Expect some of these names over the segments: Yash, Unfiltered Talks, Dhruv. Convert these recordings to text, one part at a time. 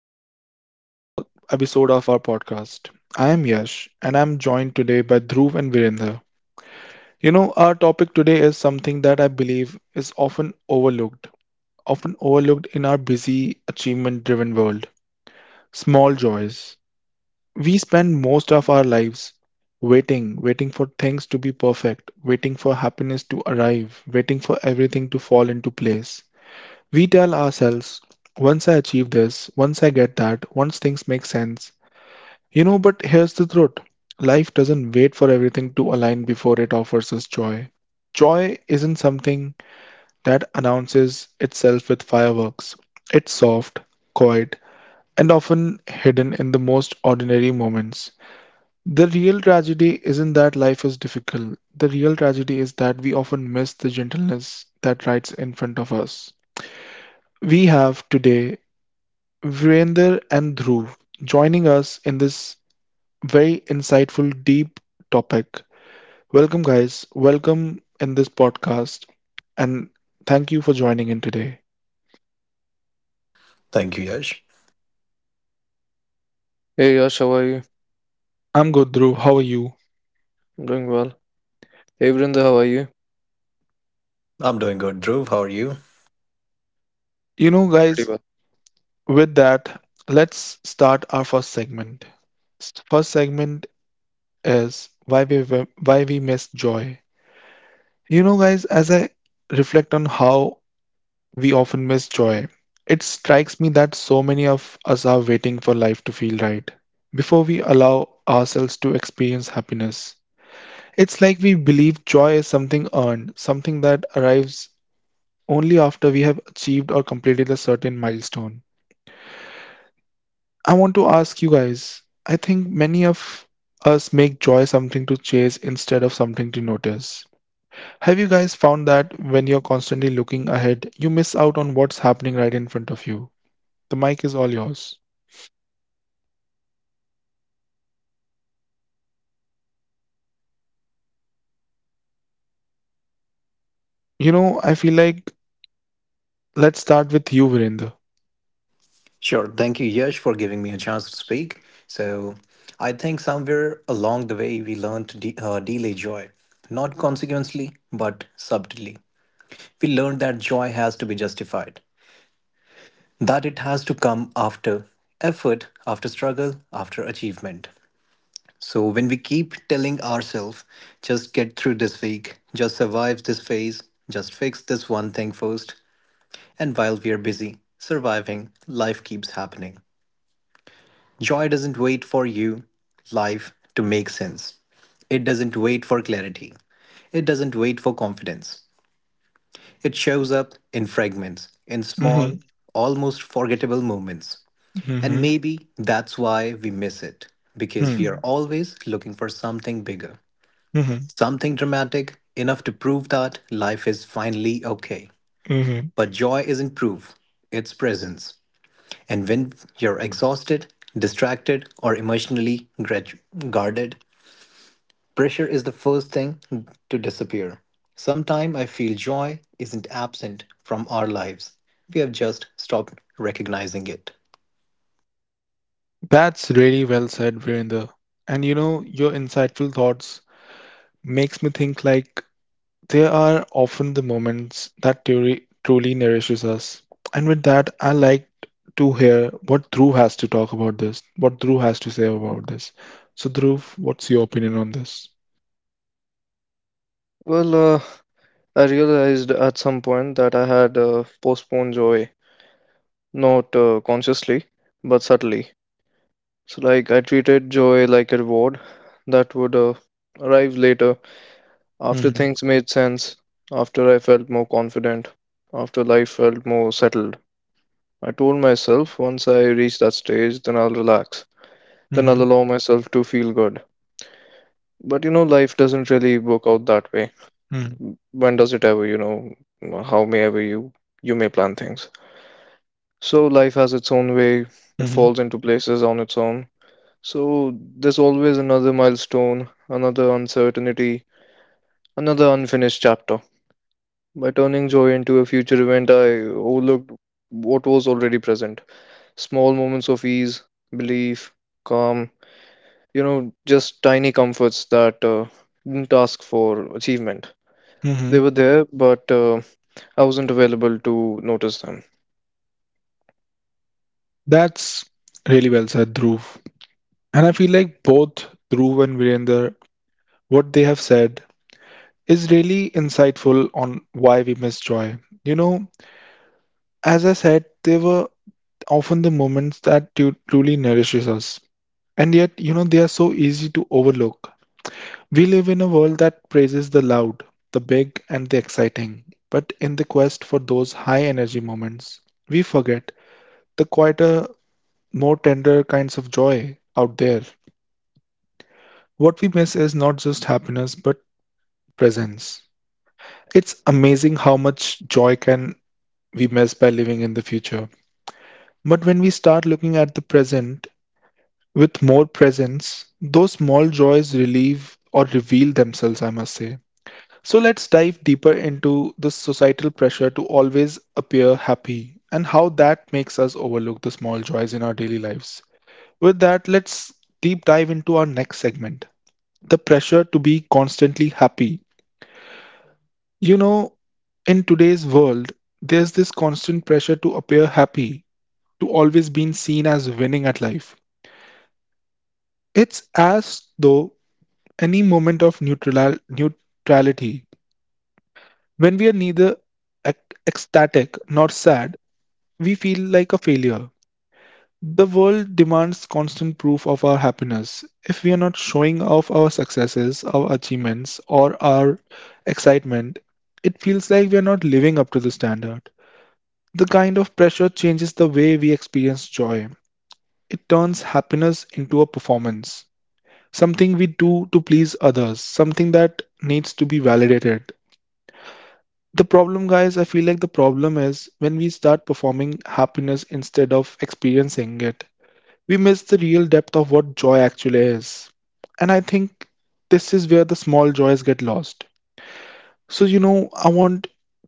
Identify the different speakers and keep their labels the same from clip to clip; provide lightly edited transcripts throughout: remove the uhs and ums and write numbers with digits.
Speaker 1: Welcome to another episode of our podcast. I am Yash and I'm joined today by Dhruv and Virendra. You know, our topic today is something that I believe is often overlooked in our busy, achievement driven world small joys. We spend most of our lives waiting, waiting for things to be perfect, waiting for happiness to arrive, waiting for everything to fall into place. We tell ourselves, once I achieve this, once I get that, once things make sense. You know, but here's the truth. Life doesn't wait for everything to align before it offers us joy. Joy isn't something that announces itself with fireworks. It's soft, quiet, and often hidden in the most ordinary moments. The real tragedy isn't that life is difficult. The real tragedy is that we often miss the gentleness that rides in front of us. We have today Virender and Dhruv joining us in this very insightful, deep topic. Welcome, guys. Welcome in this podcast. And thank you for joining in today.
Speaker 2: Thank you, Yash.
Speaker 3: Hey Yash, how are you?
Speaker 1: I'm good, Dhruv. How are you?
Speaker 3: I'm doing well. Hey Vrinda, how are you?
Speaker 2: I'm doing good. Dhruv, how are you?
Speaker 1: You know,
Speaker 3: Pretty
Speaker 1: guys,
Speaker 3: well.
Speaker 1: with that, let's start our first segment. First segment is why we miss joy. You know, guys, as I reflect on how we often miss joy. It strikes me that so many of us are waiting for life to feel right before we allow ourselves to experience happiness. It's like we believe joy is something earned, something that arrives only after we have achieved or completed a certain milestone. I want to ask you guys, I think many of us make joy something to chase instead of something to notice. Have you guys found that when you're constantly looking ahead, you miss out on what's happening right in front of you? The mic is all yours. You know, I feel like let's start with you, Virender.
Speaker 2: Sure. Thank you, Yash, for giving me a chance to speak. So, I think somewhere along the way, we learned to delay joy, not consequently, but subtly. We learned that joy has to be justified, that it has to come after effort, after struggle, after achievement. So, when we keep telling ourselves, just get through this week, just survive this phase, just fix this one thing first, and while we're busy surviving, life keeps happening. Joy doesn't wait for you, life, to make sense. It doesn't wait for clarity. It doesn't wait for confidence. It shows up in fragments, in
Speaker 1: Mm-hmm.
Speaker 2: small, almost forgettable moments. And
Speaker 1: Mm-hmm.
Speaker 2: maybe that's why we miss it, because we are
Speaker 1: Mm-hmm.
Speaker 2: always looking for something bigger,
Speaker 1: Mm-hmm.
Speaker 2: something dramatic, enough to prove that life is finally okay.
Speaker 1: Mm-hmm.
Speaker 2: But joy isn't proof, it's presence. And when you're exhausted, distracted, or emotionally guarded, pressure is the first thing to disappear. Sometime I feel joy isn't absent from our lives. We have just stopped recognizing it.
Speaker 1: That's really well said, Virender. And you know, your insightful thoughts makes me think like they are often the moments that theory truly nourishes us. And with that, I like to hear what Dhruv has to talk about this, what Dhruv has to say about this. So, Dhruv, what's your opinion on this?
Speaker 3: Well, uh, I realized at some point that I had postponed joy, not consciously, but subtly. So, I treated joy like a reward that would arrive later, after
Speaker 1: Mm-hmm,
Speaker 3: things made sense, after I felt more confident, after life felt more settled. I told myself once I reach that stage, then I'll relax, then
Speaker 1: mm-hmm,
Speaker 3: I'll allow myself to feel good. But you know, life doesn't really work out that way.
Speaker 1: mm-hmm,
Speaker 3: w- when does it ever, you know, how may ever you may plan things, so life has its own way. It
Speaker 1: mm-hmm,
Speaker 3: falls into places on its own. So there's always another milestone, another uncertainty, another unfinished chapter. By turning joy into a future event, I overlooked what was already present: small moments of ease, belief, calm, you know, just tiny comforts that didn't ask for achievement. They
Speaker 1: mm-hmm.
Speaker 3: were there, but I wasn't available to notice them.
Speaker 1: That's really well said, Dhruv. And I feel like both Dhruv and Virender, what they have said is really insightful on why we miss joy. You know, as I said, they were often the moments that truly nourishes us. And yet, you know, they are so easy to overlook. We live in a world that praises the loud, the big, and the exciting. But in the quest for those high energy moments, we forget the quieter, more tender kinds of joy out there. What we miss is not just happiness, but presence. It's amazing how much joy can we miss by living in the future. But when we start looking at the present with more presence, those small joys relieve or reveal themselves, I must say. So let's dive deeper into this societal pressure to always appear happy and how that makes us overlook the small joys in our daily lives. With that, let's deep dive into our next segment the pressure to be constantly happy. You know, in today's world, there's this constant pressure to appear happy, to always being seen as winning at life. It's as though any moment of neutrality, when we are neither ecstatic nor sad, we feel like a failure. The world demands constant proof of our happiness. If we are not showing off our successes, our achievements, or our excitement, it feels like we are not living up to the standard. The kind of pressure changes the way we experience joy. It turns happiness into a performance, something we do to please others, something that needs to be validated. The problem, guys, I feel like the problem is when we start performing happiness instead of experiencing it we miss the real depth of what joy actually is. And I think this is where the small joys get lost. So, you know, I want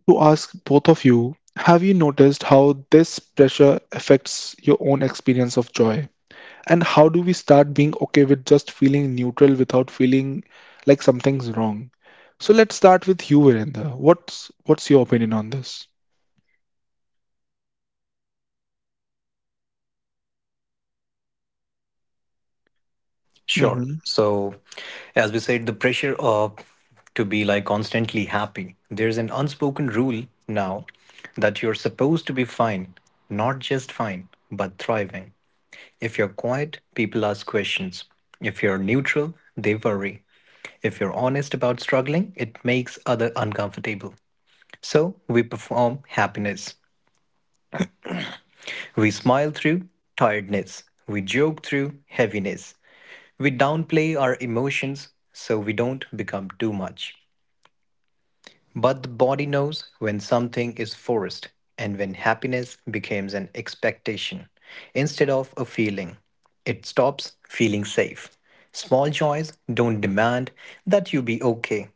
Speaker 1: to ask both of you, have you noticed how this pressure affects your own experience of joy? And how do we start being okay with just feeling neutral without feeling like something's wrong? So let's start with you, Virendra. What's your opinion on this?
Speaker 2: Sure. So, as we said, the pressure of to be like constantly happy. There's an unspoken rule now that you're supposed to be fine, not just fine, but thriving. If you're quiet, people ask questions. If you're neutral, they worry. If you're honest about struggling, it makes other uncomfortable. So we perform happiness. We smile through tiredness. We joke through heaviness. We downplay our emotions so we don't become too much. But the body knows when something is forced and when happiness becomes an expectation instead of a feeling. It stops feeling safe. Small joys don't demand that you be okay.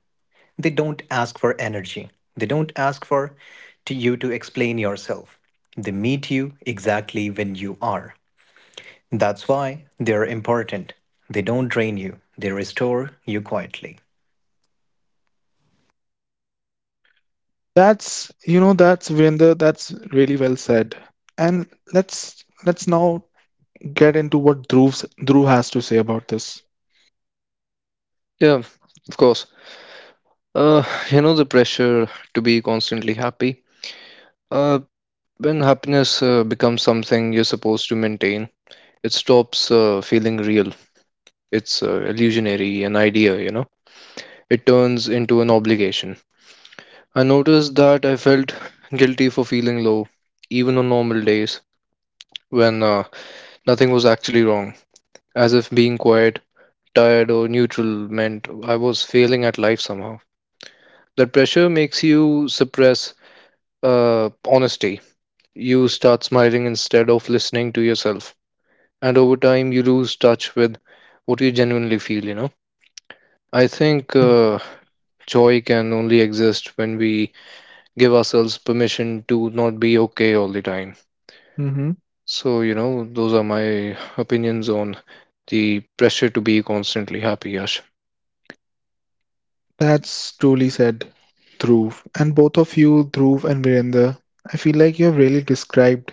Speaker 2: They don't ask for energy. They don't ask for to you to explain yourself. They meet you exactly when you are. That's why they're important. They don't drain you, they restore you quietly.
Speaker 1: That's, you know, that's Virender, that's really well said. And let's now get into what Dhruv has to say about this.
Speaker 3: Yeah, of course. Uh, you know, the pressure to be constantly happy. Uh, when happiness becomes something you're supposed to maintain, it stops feeling real. It's illusionary, an idea, you know. It turns into an obligation. I noticed that I felt guilty for feeling low, even on normal days when nothing was actually wrong, as if being quiet, tired, or neutral meant I was failing at life somehow. That pressure makes you suppress honesty. You start smiling instead of listening to yourself. And over time, you lose touch with what you genuinely feel, you know? I think joy can only exist when we give ourselves permission to not be okay all the time.
Speaker 1: Mm-hmm.
Speaker 3: So, you know, those are my opinions on the pressure to be constantly happy, Yash.
Speaker 1: That's truly said, Dhruv. And both of you, Dhruv and Virender, I feel like you have really described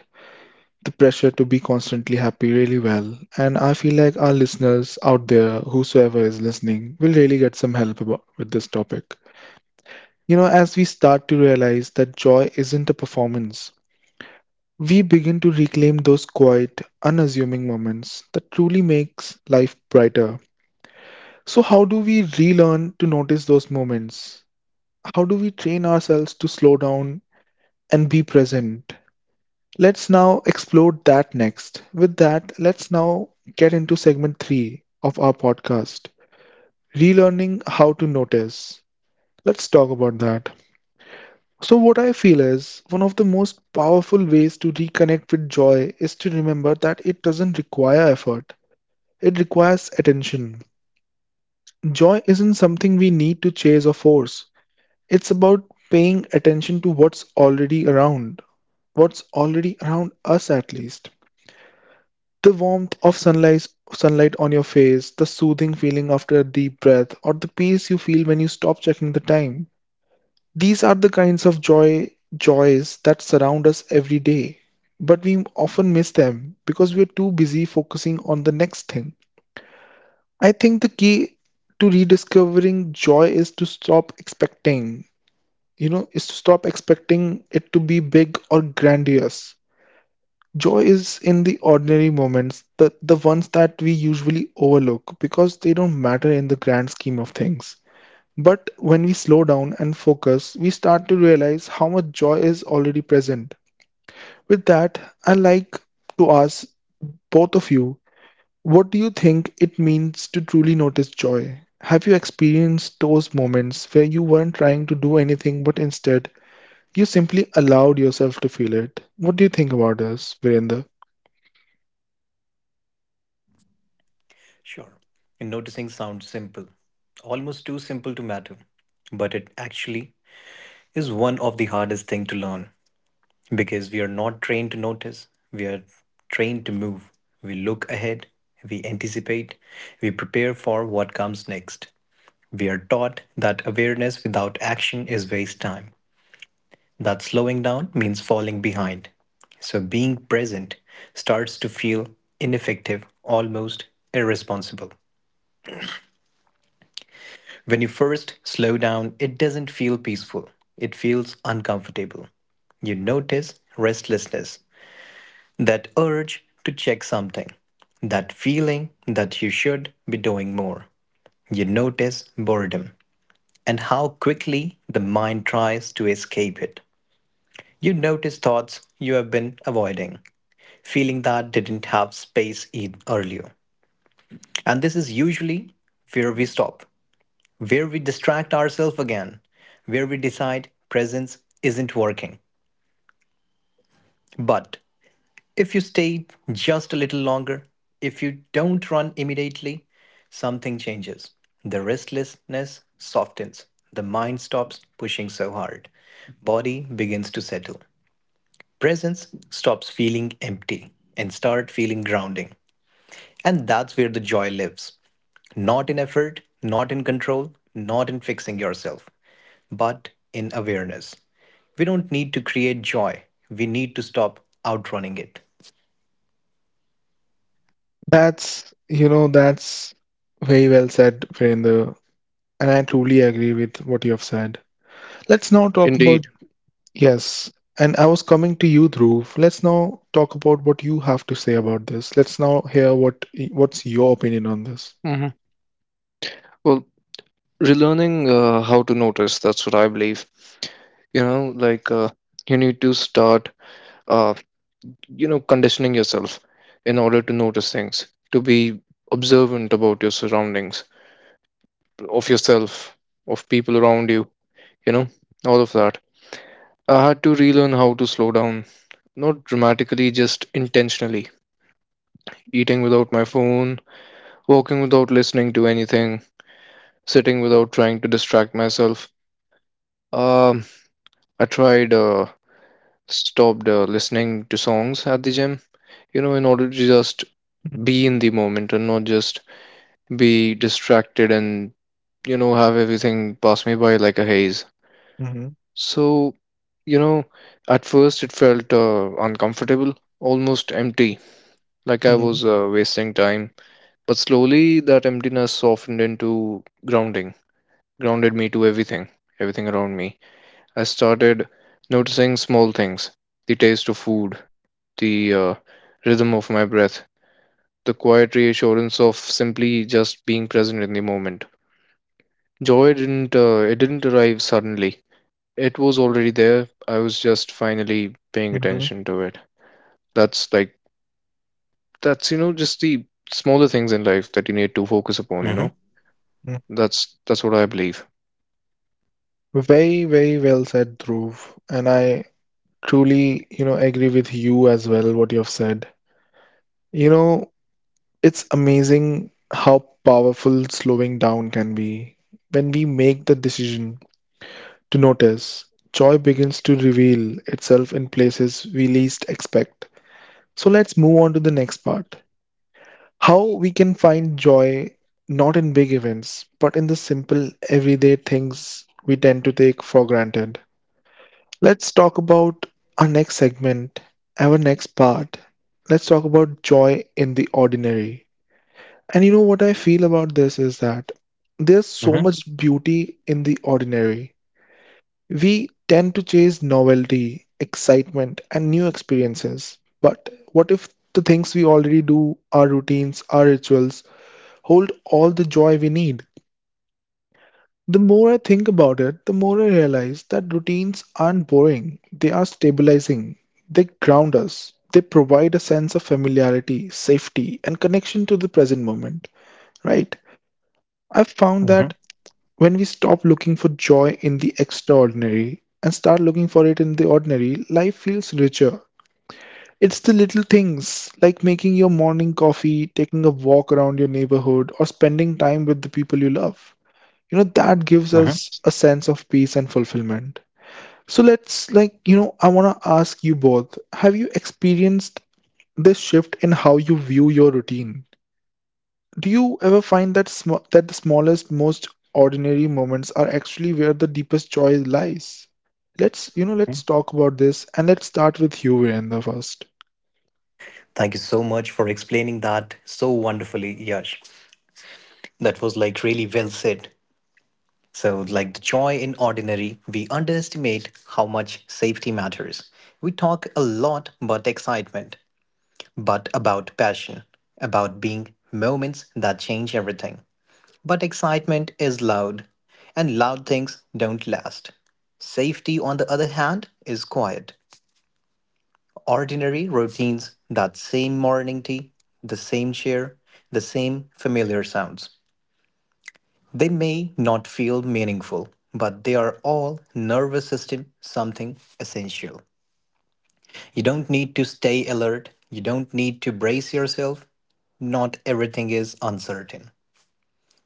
Speaker 1: the pressure to be constantly happy really well. And I feel like our listeners out there, whosoever is listening, will really get some help about, with this topic. You know, as we start to realize that joy isn't a performance, we begin to reclaim those quiet, unassuming moments that truly makes life brighter. So how do we relearn to notice those moments? How do we train ourselves to slow down and be present? Let's now explore that next. With that, let's now get into segment 3 of our podcast, relearning how to notice. Let's talk about that. So, what I feel is one of the most powerful ways to reconnect with joy is to remember that it doesn't require effort. It requires attention. Joy isn't something we need to chase or force. It's about paying attention to what's already around us at least. The warmth of sunlight, sunlight on your face, the soothing feeling after a deep breath, or the peace you feel when you stop checking the time. These are the kinds of joys that surround us every day. But we often miss them because we're too busy focusing on the next thing. I think the key to rediscovering joy is to stop expecting, you know, is to stop expecting it to be big or grandiose. Joy is in the ordinary moments, the ones that we usually overlook because they don't matter in the grand scheme of things. But when we slow down and focus, we start to realize how much joy is already present. With that, I like to ask both of you, what do you think it means to truly notice joy? Have you experienced those moments where you weren't trying to do anything but instead you simply allowed yourself to feel it? What do you think about this, Virender?
Speaker 2: Sure. And noticing sounds simple, almost too simple to matter. But it actually is one of the hardest thing to learn because we are not trained to notice. We are trained to move. We look ahead, we anticipate, we prepare for what comes next. We are taught that awareness without action is waste time. That slowing down means falling behind. So being present starts to feel ineffective, almost irresponsible. When you first slow down, it doesn't feel peaceful, it feels uncomfortable. You notice restlessness, that urge to check something, that feeling that you should be doing more. You notice boredom and how quickly the mind tries to escape it. You notice thoughts you have been avoiding, feeling that didn't have space in earlier. And this is usually where we stop, where we distract ourselves again, where we decide presence isn't working. But if you stay just a little longer, if you don't run immediately, something changes. The restlessness softens, the mind stops pushing so hard, body begins to settle. Presence stops feeling empty and start feeling grounding. And that's where the joy lives. Not in effort, not in control, not in fixing yourself, but in awareness. We don't need to create joy, we need to stop outrunning it.
Speaker 1: That's very well said, Virender, and I truly agree with what you have said. Let's now talk about,
Speaker 3: Indeed.
Speaker 1: yes, and I was coming to you, Dhruv. Let's now talk about what you have to say about this. Let's now hear what's your opinion on this.
Speaker 3: hmm Well, relearning how to notice, that's what I believe. You know, you need to start. uh, you know, conditioning yourself in order to notice things, to be observant about your surroundings, of yourself, of people around you, you know, all of that. I had to relearn how to slow down, not dramatically, just intentionally: eating without my phone, walking without listening to anything, sitting without trying to distract myself. Um i tried uh stopped listening to songs at the gym, you know, in order to just be in the moment and not just be distracted and, you know, have everything pass me by like a haze.
Speaker 1: Mhm,
Speaker 3: So, you know, at first it felt uncomfortable, almost empty, like I
Speaker 1: mhm,
Speaker 3: was wasting time. But slowly that emptiness softened into grounding, grounded me to everything, everything around me. I started noticing small things: the taste of food, the rhythm of my breath, the quiet reassurance of simply just being present in the moment. Joy didn't it didn't arrive suddenly. It was already there. I was just finally paying
Speaker 1: mhm,
Speaker 3: attention to it. That's like that's you know just the smaller things in life that you need to focus upon, you know.
Speaker 2: hmm
Speaker 1: mhm.
Speaker 3: That's what I believe.
Speaker 1: Very, very well said, Dhruv. And I truly, you know, agree with you as well, what you have said. You know, it's amazing how powerful slowing down can be. When we make the decision to notice, joy begins to reveal itself in places we least expect. So let's move on to the next part. How we can find joy not in big events, but in the simple everyday things we tend to take for granted. Let's talk about our next segment, our next part. Let's talk about joy in the ordinary. And you know what I feel about this is that there's so
Speaker 2: hmm
Speaker 1: much beauty in the ordinary. We tend to chase novelty, excitement, and new experiences. But what if the things we already do, our routines, our rituals, hold all the joy we need. The more I think about it, the more I realize that routines aren't boring, they are stabilizing. They ground us, they provide a sense of familiarity, safety, and connection to the present moment, right? I've found that
Speaker 2: hmm
Speaker 1: when we stop looking for joy in the extraordinary and start looking for it in the ordinary, life feels richer. It's the little things like making your morning coffee, taking a walk around your neighborhood, or spending time with the people you love, you know, that gives
Speaker 2: hmm
Speaker 1: us a sense of peace and fulfillment. So let's, like you know, I want to ask you both, have you experienced this shift in how you view your routine? Do you ever find that that the smallest, most ordinary moments are actually where the deepest joy lies? Let's, you know, let's talk about this and let's start with you Virendra first.
Speaker 2: Thank you so much for explaining that so wonderfully, Yash. That was like really well said. So, like the joy in ordinary, we underestimate how much safety matters. We talk a lot about excitement, but about passion, about being moments that change everything. But excitement is loud, and loud things don't last. Safety, on the other hand, is quiet. Ordinary routines, that same morning tea, the same chair, the same familiar sounds. They may not feel meaningful, but they are all nervous system something essential. You don't need to stay alert. You don't need to brace yourself. Not everything is uncertain.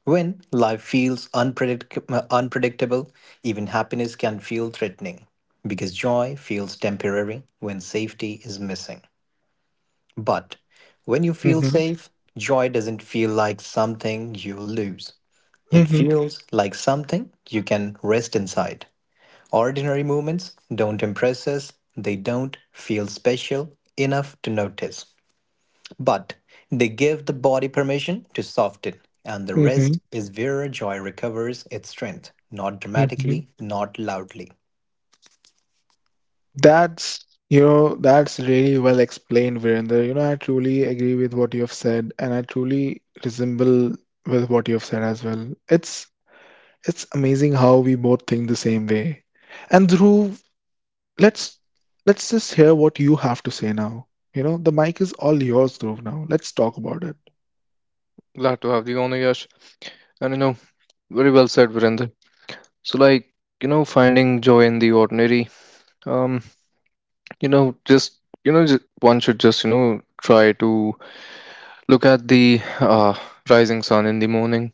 Speaker 2: When life feels unpredictable, even happiness can feel threatening because joy feels temporary when safety is missing. But when you feel
Speaker 1: Mhm,
Speaker 2: safe, joy doesn't feel like something you lose. It
Speaker 1: mhm,
Speaker 2: feels like something you can rest inside. Ordinary movements don't impress us, they don't feel special enough to notice. But they give the body permission to soften, and the
Speaker 1: mhm,
Speaker 2: rest is where joy recovers its strength, not
Speaker 1: mhm.
Speaker 2: dramatically, not loudly.
Speaker 1: That's, you know, that's really well explained, Virender. You know, I truly agree with what you have said, and I truly resemble with what you have said as well. It's amazing how we both think the same way. And through Let's let's just hear what you have to say now. You know, the mic is all yours, Dhruv, now. Let's talk about it.
Speaker 3: Glad to have you on, Yash. And you know, very well said, Virender. So like, you know, finding joy in the ordinary. Um, you know, one should just, you know, try to look at the rising sun in the morning,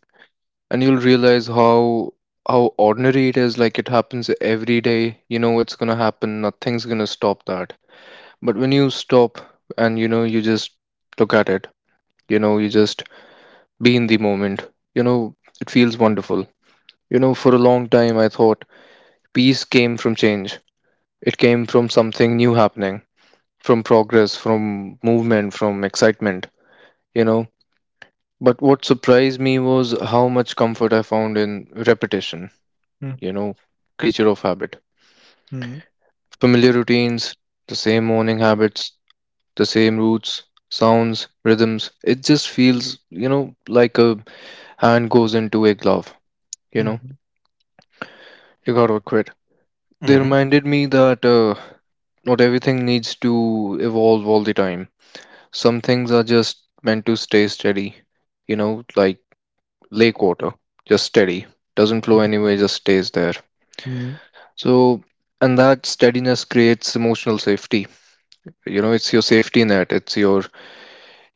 Speaker 3: and you'll realize how how ordinary it is. Like, it happens every day, you know. It's going to happen, nothing's going to stop that. But when you stop and, you know, you just look at it, you know, you just be in the moment, you know, it feels wonderful. You know, for a long time I thought peace came from change. It came from something new happening, from progress, from movement, from excitement, you know. But what surprised me was how much comfort I found in repetition,
Speaker 1: Mm,
Speaker 3: you know, creature of habit.
Speaker 1: mm,
Speaker 3: Familiar routines, the same morning habits, the same routes, sounds, rhythms. It just feels, you know, like a hand goes into a glove, you know.
Speaker 1: mhm,
Speaker 3: You gotta quit. They
Speaker 2: hmm
Speaker 3: reminded me that not everything needs to evolve all the time. Some things are just meant to stay steady, you know, like lake water, just steady. Doesn't flow
Speaker 1: mhm,
Speaker 3: anywhere, just stays there.
Speaker 1: mm,
Speaker 3: So, and that steadiness creates emotional safety. You know, it's your safety net, it's your,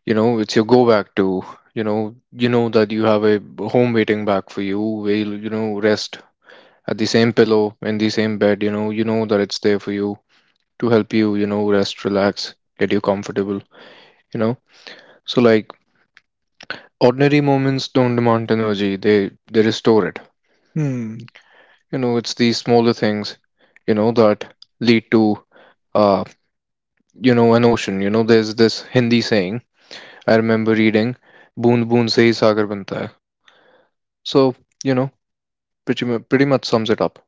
Speaker 3: you know, it's your go back to, you know. You know that you have a home waiting back for you where you'll, you know, rest at the same pillow in the same bed. You know, you know that it's there for you to help you, you know, rest, relax, get you comfortable, you know. So like, ordinary moments don't demand energy, they restore it.
Speaker 1: mm.
Speaker 3: You know, it's these smaller things, you know, that lead to, uh you know, an ocean. You know, there's this Hindi saying I remember reading: boond boond se hi sagar banta hai. So, you know, pretty much sums it up.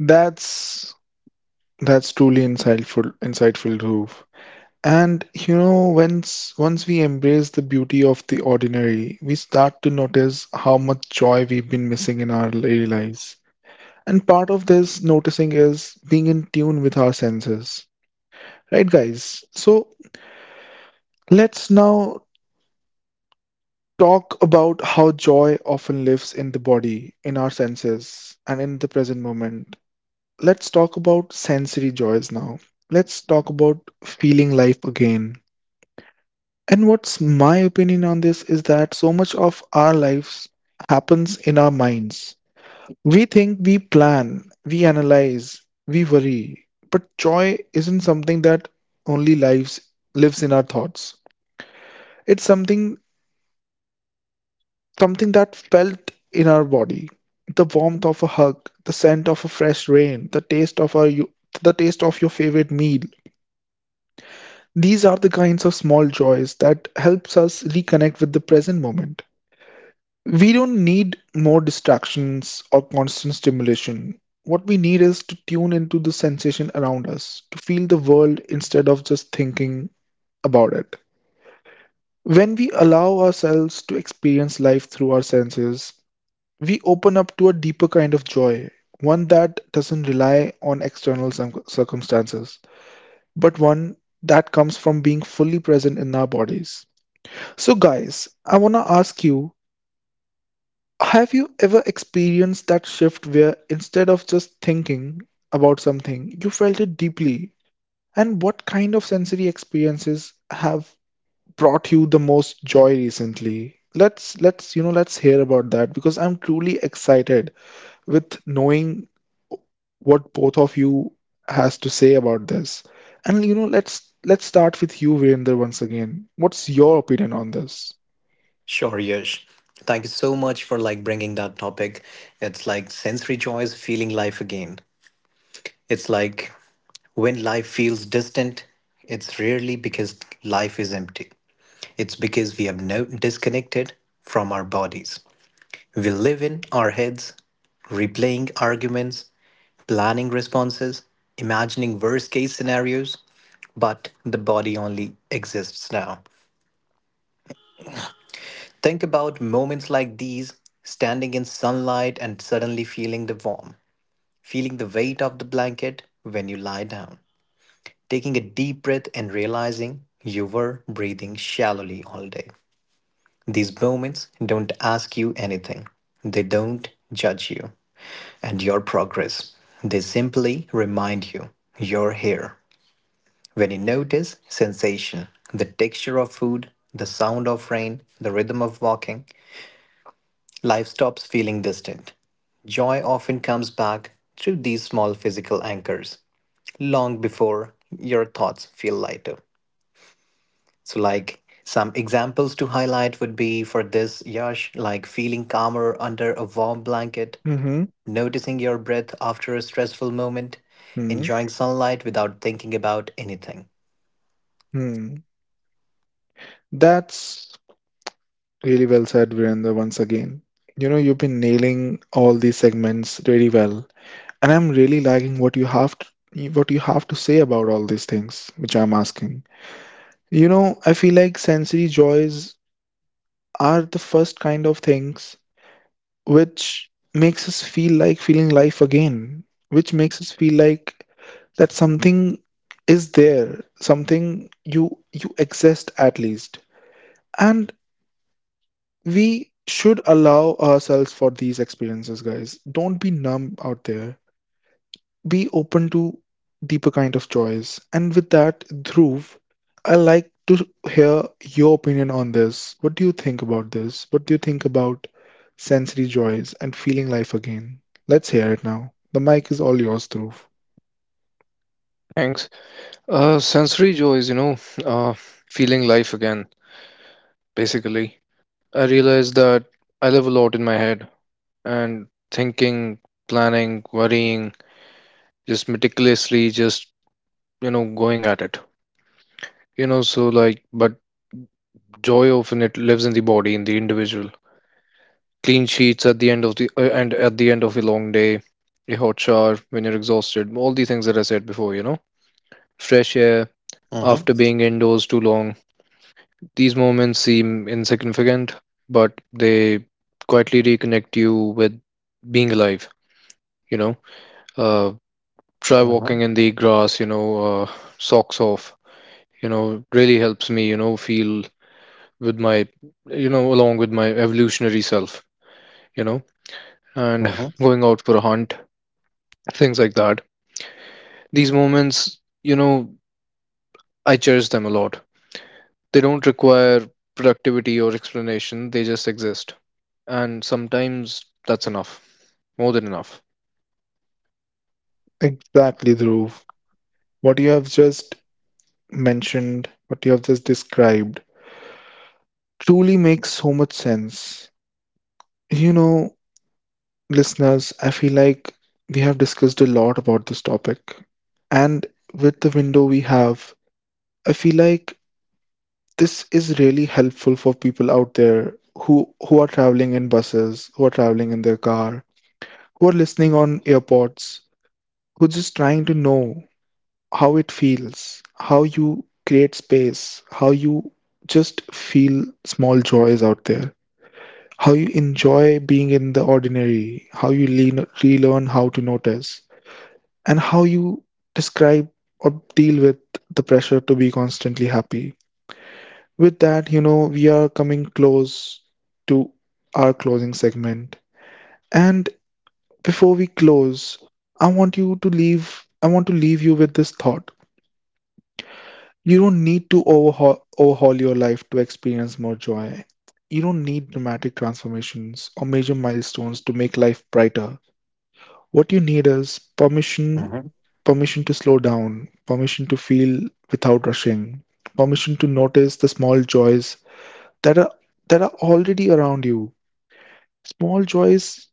Speaker 1: That's that's truly insightful, Dhruv. And you know, once we embrace the beauty of the ordinary, we start to notice how much joy we've been missing in our daily lives. And part of this noticing is being in tune with our senses. Right, guys? So let's now talk about how joy often lives in the body, in our senses, and in the present moment. Let's talk about sensory joys now. Let's talk about feeling life again. And what's my opinion on this is that so much of our lives happens in our minds. We think, we plan, we analyze, we worry. But joy isn't something that only lives in our thoughts. It's something that felt in our body, the warmth of a hug, the scent of a fresh rain, the taste of the taste of your favorite meal. These are the kinds of small joys that helps us reconnect with the present moment. We don't need more distractions or constant stimulation. What we need is to tune into the sensation around us, to feel the world instead of just thinking about it. When we allow ourselves to experience life through our senses, we open up to a deeper kind of joy, one that doesn't rely on external circumstances, but one that comes from being fully present in our bodies. So, guys, I want to ask you, have you ever experienced that shift where instead of just thinking about something, you felt it deeply? And what kind of sensory experiences have brought you the most joy recently? Let's you know let's hear about that, because I'm truly excited with knowing what both of you has to say about this. And you know, let's start with you, Virender, once again. What's your opinion on this?
Speaker 2: Sure, Yash. Thank you so much for like bringing that topic. It's like sensory joy is feeling life again. It's like when life feels distant, it's rarely because life is empty. It's because we have no disconnected from our bodies. We live in our heads, replaying arguments, planning responses, imagining worst case scenarios, but the body only exists now. Think about moments like these, standing in sunlight and suddenly feeling the warmth, feeling the weight of the blanket when you lie down, taking a deep breath and realizing you were breathing shallowly all day. These moments don't ask you anything, they don't judge you and your progress. They simply remind you you're here. When you notice sensation, the texture of food, the sound of rain, the rhythm of walking, life stops feeling distant. Joy often comes back through these small physical anchors long before your thoughts feel lighter. So, like some examples to highlight would be for this, Yash, like feeling calmer under a warm blanket,
Speaker 1: Mm-hmm.
Speaker 2: noticing your breath after a stressful moment,
Speaker 1: Hmm,
Speaker 2: enjoying sunlight without thinking about anything.
Speaker 1: hmm. That's really well said, Virender, once again. You know, you've been nailing all these segments really well, and I'm really liking what you have to say about all these things which I'm asking. You know, I feel like sensory joys are the first kind of things which makes us feel like feeling life again, which makes us feel like that something is there, something you exist at least. And we should allow ourselves for these experiences, guys. Don't be numb out there, be open to deeper kind of joys. And with that, Dhruv, I like to hear your opinion on this. What do you think about this? What do you think about sensory joys and feeling life again? Let's hear it now. The mic is all yours, Dhruv.
Speaker 3: Thanks. Sensory joy is, you know, uh, feeling life again, basically. I realize that I live a lot in my head, and thinking, planning, worrying, just meticulously, just, you know, going at it. You know, so like, but joy often it lives in the body, in the individual. Clean sheets at the end of the and at the end of a long day, a hot shower when you're exhausted, all the things that I said before, you know, fresh air
Speaker 2: Mm-hmm.
Speaker 3: after being indoors too long. These moments seem insignificant, but they quietly reconnect you with being alive, you know. Uh, Try
Speaker 2: Mm-hmm.
Speaker 3: walking in the grass, you know, socks off, you know. Really helps me, you know, feel with my, you know, along with my evolutionary self, you know, and
Speaker 2: Mm-hmm.
Speaker 3: going out for a hunt, things like that. These moments, you know, I cherish them a lot. They don't require productivity or explanation, they just exist. And sometimes that's enough, more than enough.
Speaker 1: Exactly, Dhruv. What you have just what you have just described, truly makes so much sense. You know, listeners, I feel like we have discussed a lot about this topic. And with the window we have, I feel like this is really helpful for people out there, who are traveling in buses, who are traveling in their car, who are listening on airports, who are just trying to know how it feels, how you create space, how you just feel small joys out there, how you enjoy being in the ordinary, how you lean, relearn how to notice, and how you describe or deal with the pressure to be constantly happy. With that, you know, we are coming close to our closing segment. And before we close, I want to leave you with this thought. You don't need to overhaul your life to experience more joy. You don't need dramatic transformations or major milestones to make life brighter. What you need is
Speaker 2: Mm-hmm.
Speaker 1: permission to slow down, permission to feel without rushing, permission to notice the small joys that are that are already around you. Small joys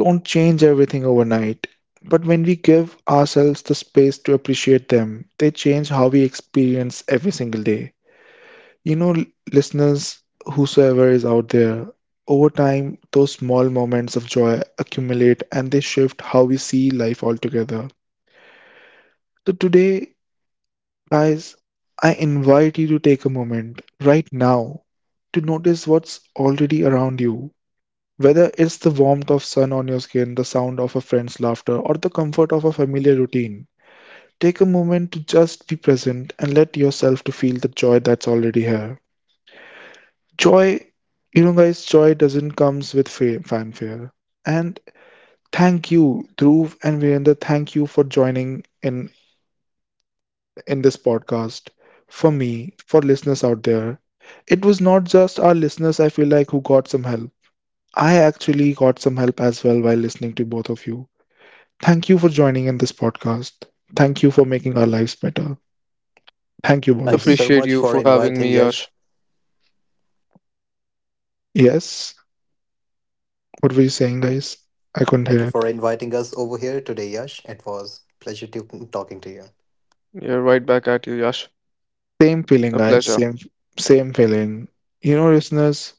Speaker 1: don't change everything overnight, but when we give ourselves the space to appreciate them, they change how we experience every single day. You know, listeners, whosoever is out there, over time, those small moments of joy accumulate and they shift how we see life altogether. So today, guys, I invite you to take a moment right now to notice what's already around you. Whether it's the warmth of sun on your skin, the sound of a friend's laughter, or the comfort of a familiar routine, take a moment to just be present and let yourself to feel the joy that's already here. Joy, you know guys, joy doesn't comes with fanfare. And thank you, Dhruv and Virendra, thank you for joining in this podcast for me, for listeners out there. It was not just our listeners, I feel like, who got some help. I actually got some help as well while listening to both of you. Thank you for joining in this podcast. Thank you for making our lives better. Thank you, both
Speaker 2: Thank
Speaker 1: of
Speaker 2: you
Speaker 1: you.
Speaker 2: so
Speaker 3: Appreciate
Speaker 2: much
Speaker 3: you
Speaker 2: for
Speaker 3: for having
Speaker 2: inviting
Speaker 3: me,
Speaker 2: Yash.
Speaker 3: Yash.
Speaker 1: Yes, what were you saying, guys? I couldn't
Speaker 2: Thank
Speaker 1: hear
Speaker 2: you
Speaker 1: it.
Speaker 2: for inviting us over here today, Yash. It was pleasure to talking to you.
Speaker 3: You right back at you, Yash.
Speaker 1: Same feeling,
Speaker 3: A
Speaker 1: guys.
Speaker 3: pleasure.
Speaker 1: Same, same feeling. You know, listeners,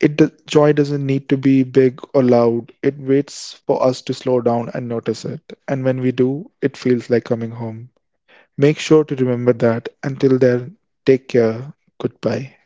Speaker 1: Joy doesn't need to be big or loud. It waits for us to slow down and notice it. And when we do, it feels like coming home. Make sure to remember that. Until then, take care. Goodbye.